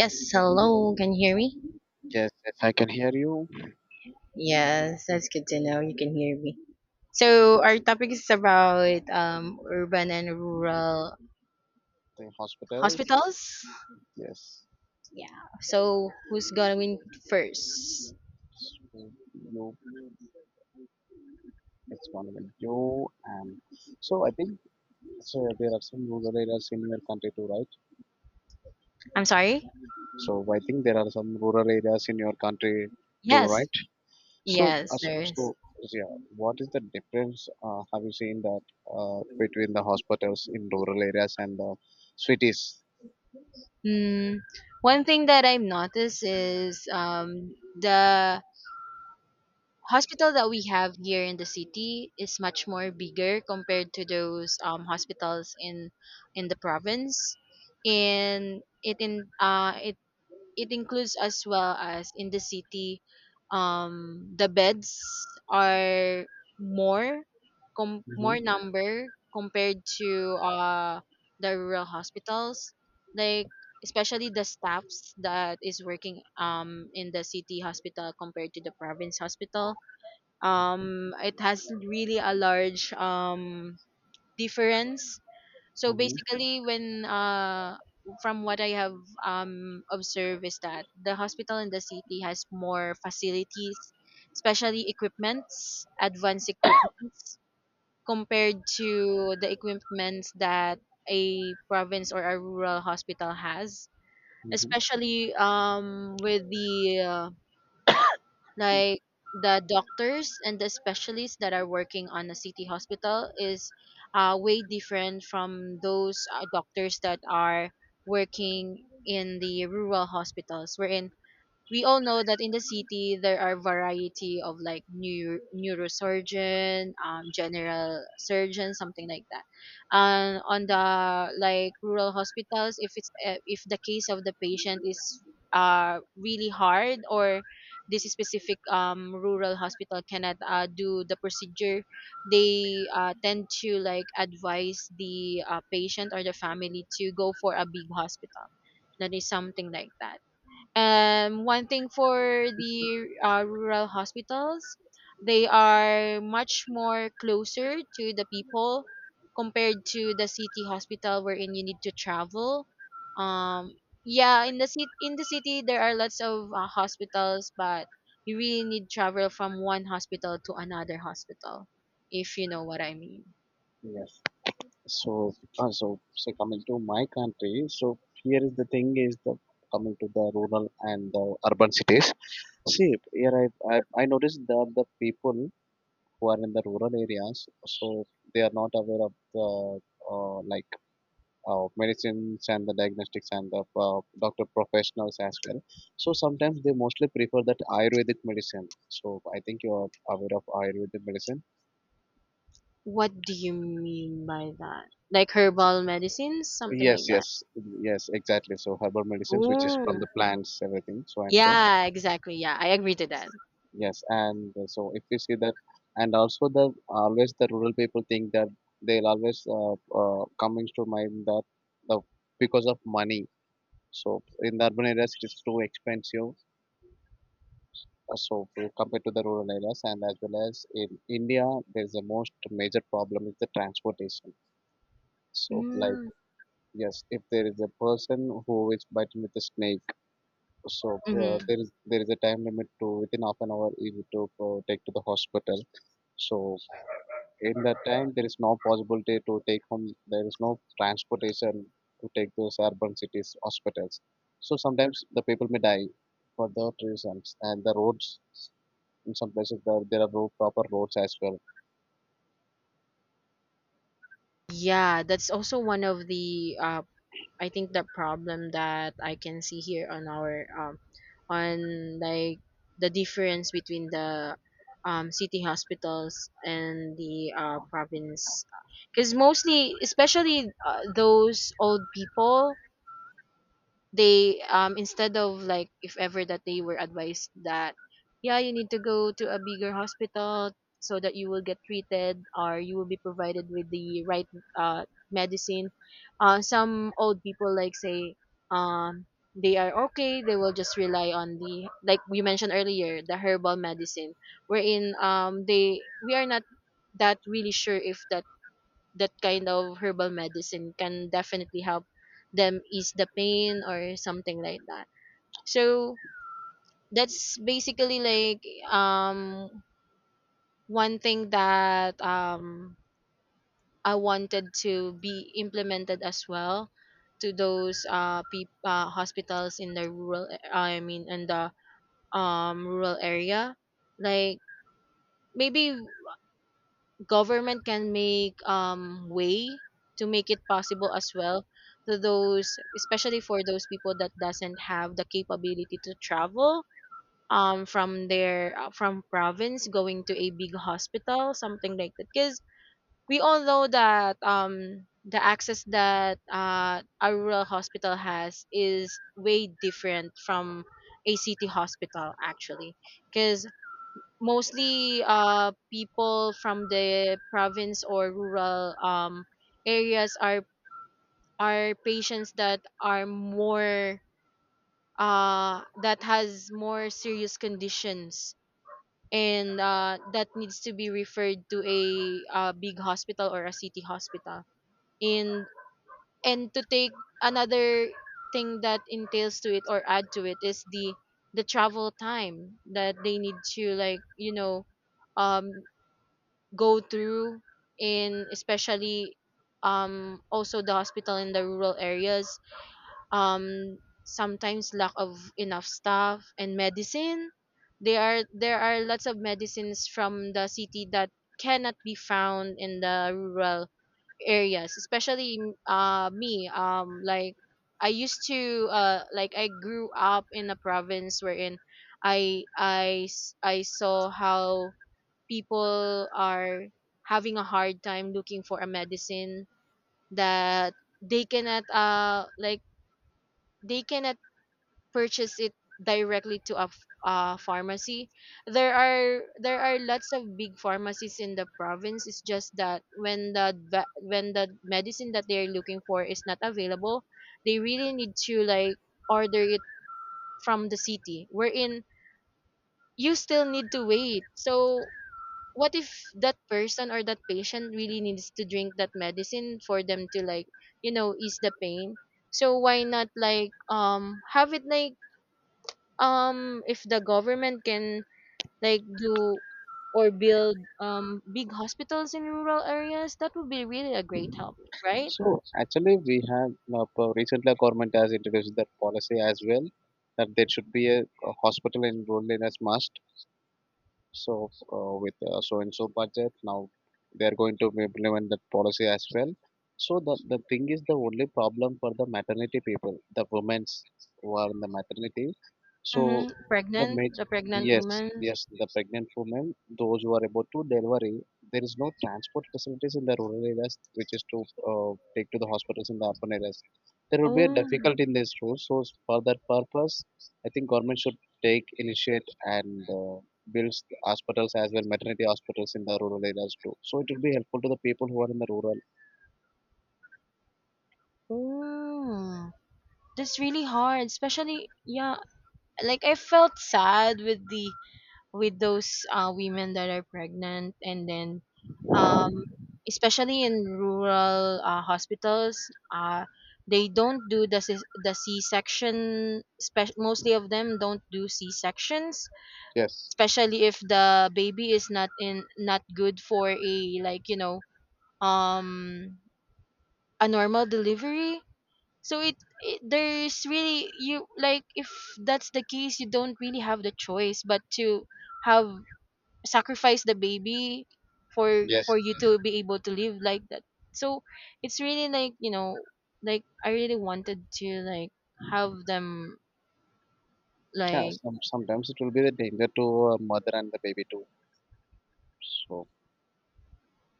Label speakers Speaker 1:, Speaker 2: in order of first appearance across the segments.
Speaker 1: Yes, hello. Can you hear me?
Speaker 2: Yes, yes, I can hear you.
Speaker 1: Yes, that's good to know you can hear me. So our topic is about urban and rural
Speaker 2: The hospitals.
Speaker 1: hospitals.
Speaker 2: Yes.
Speaker 1: Yeah. So who's gonna win first?
Speaker 2: So you, it's one with you, and so I think so there are some rural areas in your country too, right?
Speaker 1: I'm sorry.
Speaker 2: So I think there are some rural areas in your country too, right?
Speaker 1: Yes.
Speaker 2: So, uh,
Speaker 1: Yes,
Speaker 2: so,
Speaker 1: there is.
Speaker 2: so yeah, what is the difference? Have you seen that between the hospitals in rural areas and the cities?
Speaker 1: Mm, one thing that I've noticed is the hospital that we have here in the city is much more bigger compared to those hospitals in the province, and it in it it includes as well as in the city. Um the beds are more
Speaker 2: Mm-hmm.
Speaker 1: more number compared to the rural hospitals, like, especially the staffs that is working in the city hospital compared to the province hospital. Um it has really a large difference. So
Speaker 2: Mm-hmm.
Speaker 1: basically, when from what I have observed is that the hospital in the city has more facilities, especially equipments, advanced equipments, compared to the equipments that a province or a rural hospital has.
Speaker 2: Mm-hmm.
Speaker 1: Especially with the like, the doctors and the specialists that are working on a city hospital is, way different from those doctors that are working in the rural hospitals, wherein we all know that in the city there are variety of like neurosurgeon, general surgeon, something like that. And on the, like, rural hospitals, if it's if the case of the patient is really hard, or this specific rural hospital cannot do the procedure, they tend to like advise the patient or the family to go for a big hospital, that is, something like that. One thing for the rural hospitals, they are much more closer to the people compared to the city hospital, wherein you need to travel. Um, yeah, in the city there are lots of hospitals, but you really need travel from one hospital to another hospital, if you know what I mean.
Speaker 2: Yes. So say coming to my country, so here is the thing is the coming to the rural and the urban cities. See, here I noticed that the people who are in the rural areas, so they are not aware of the uh, like medicines and the diagnostics and the doctor professionals as well. So sometimes they mostly prefer that Ayurvedic medicine. So I think you are aware of Ayurvedic medicine.
Speaker 1: What do you mean by that? Like herbal medicines, something like
Speaker 2: Yes,
Speaker 1: that.
Speaker 2: yes, yes, exactly. So herbal medicines, which is from the
Speaker 1: Ooh.
Speaker 2: plants, everything, so and so.
Speaker 1: Yeah, exactly. Yeah, I agree to that.
Speaker 2: Yes, and so if you see that, and also the always the rural people think that they'll always comes to mind that the because of money. So in the urban areas, it is too expensive. Compared to the rural areas, and as well as in India, there is the most major problem is the transportation. So like
Speaker 1: Mm.
Speaker 2: yes, if there is a person who is biting with a snake. So
Speaker 1: Mm-hmm.
Speaker 2: there is a time limit to within half an hour if you to take to the hospital. So in that time there is no possibility to take home. There is no transportation to take those urban cities hospitals. So sometimes the people may die for that reasons, and the roads in some places there are road, proper roads as well.
Speaker 1: Yeah, that's also one of the I think the problem that I can see here on our on, like, the difference between the city hospitals and the province, because mostly, especially those old people, they instead of like, if ever that they were advised that, yeah, you need to go to a bigger hospital so that you will get treated or you will be provided with the right uh medicine, some old people, like, say um they are okay, they will just rely on the, like we mentioned earlier, the herbal medicine, wherein they, we are not that really sure if that kind of herbal medicine can definitely help them ease the pain or something like that. So that's basically like um one thing that I wanted to be implemented as well, to those hospitals in the I mean in the rural area, like, maybe government can make way to make it possible as well to those, especially for those people that doesn't have the capability to travel from their from province going to a big hospital, something like that. Because we all know that the access that a rural hospital has is way different from a city hospital, actually, because mostly people from the province or rural areas are patients that are more, that has more serious conditions, and that needs to be referred to a, big hospital or a city hospital. And to take another thing that entails to it or add to it is the travel time that they need to, like, you know, um go through. In especially, also, the hospital in the rural areas um sometimes lack of enough staff and medicine. There are there are lots of medicines from the city that cannot be found in the rural areas. Especially me, like, I used to like, I grew up in a province wherein I saw how people are having a hard time looking for a medicine that they cannot like, they cannot purchase it directly to a pharmacy. There are there are lots of big pharmacies in the province, it's just that when when the medicine that they're looking for is not available, they really need to, like, order it from the city, wherein you still need to wait. So what if that person or that patient really needs to drink that medicine for them to, like, you know, ease the pain? So why not, like, have it like, if the government can, like, do or build big hospitals in rural areas, that would be really a great help, right?
Speaker 2: So actually we have recently our government has introduced that policy as well, that there should be a hospital in rural areas must. So with so and so budget now they are going to implement that policy as well. So the thing is the only problem for the maternity people, the women's who are in the maternity. So
Speaker 1: Mm-hmm.
Speaker 2: the
Speaker 1: Pregnant,
Speaker 2: maj-
Speaker 1: the pregnant
Speaker 2: yes,
Speaker 1: woman.
Speaker 2: yes, the pregnant women, those who are about to delivery, there is no transport facilities in the rural areas which is to take to the hospitals in the urban areas. There will be a
Speaker 1: Oh.
Speaker 2: difficulty in this route, so for that purpose, I think government should take initiate and builds hospitals as well, maternity hospitals in the rural areas too. So it will be helpful to the people who are in the rural.
Speaker 1: Oh, that's really hard, especially. Yeah, like, I felt sad with the, with those women that are pregnant and then, um, especially in rural hospitals, they don't do the, the c-section, mostly of them don't do c-sections,
Speaker 2: Yes.
Speaker 1: especially if the baby is not in, not good for a, like, you know, um a normal delivery. So it there's really, you like, if that's the case, you don't really have the choice but to have, sacrifice the baby for
Speaker 2: Yes.
Speaker 1: for you to be able to live like that. So it's really, like, you know, like, I really wanted to, like, have them,
Speaker 2: Yeah.
Speaker 1: like,
Speaker 2: Sometimes it will be the danger to mother and the baby too. So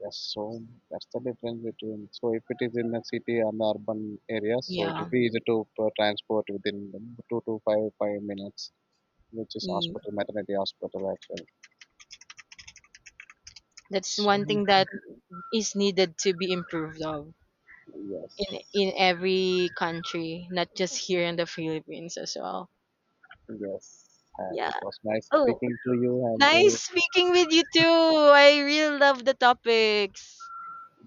Speaker 2: yes. So that's the difference between. So if it is in the city and the urban areas, so it will
Speaker 1: yeah.
Speaker 2: be easy to transport within two to five minutes, which is
Speaker 1: Mm,
Speaker 2: hospital maternity hospital actually.
Speaker 1: that's
Speaker 2: So
Speaker 1: one thing that is needed to be improved of,
Speaker 2: yes.
Speaker 1: in every country, not just here in the Philippines as well.
Speaker 2: Yes, and it
Speaker 1: Yeah.
Speaker 2: was nice
Speaker 1: Oh,
Speaker 2: speaking to you,
Speaker 1: nice
Speaker 2: and
Speaker 1: speaking with you too. I really love the topics.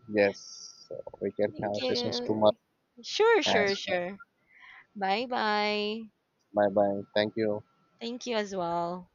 Speaker 2: yes, so we can have
Speaker 1: Thank
Speaker 2: sessions tomorrow
Speaker 1: you. Sure, sure,
Speaker 2: as well.
Speaker 1: sure. bye bye
Speaker 2: Bye bye. Thank you.
Speaker 1: Thank you as well.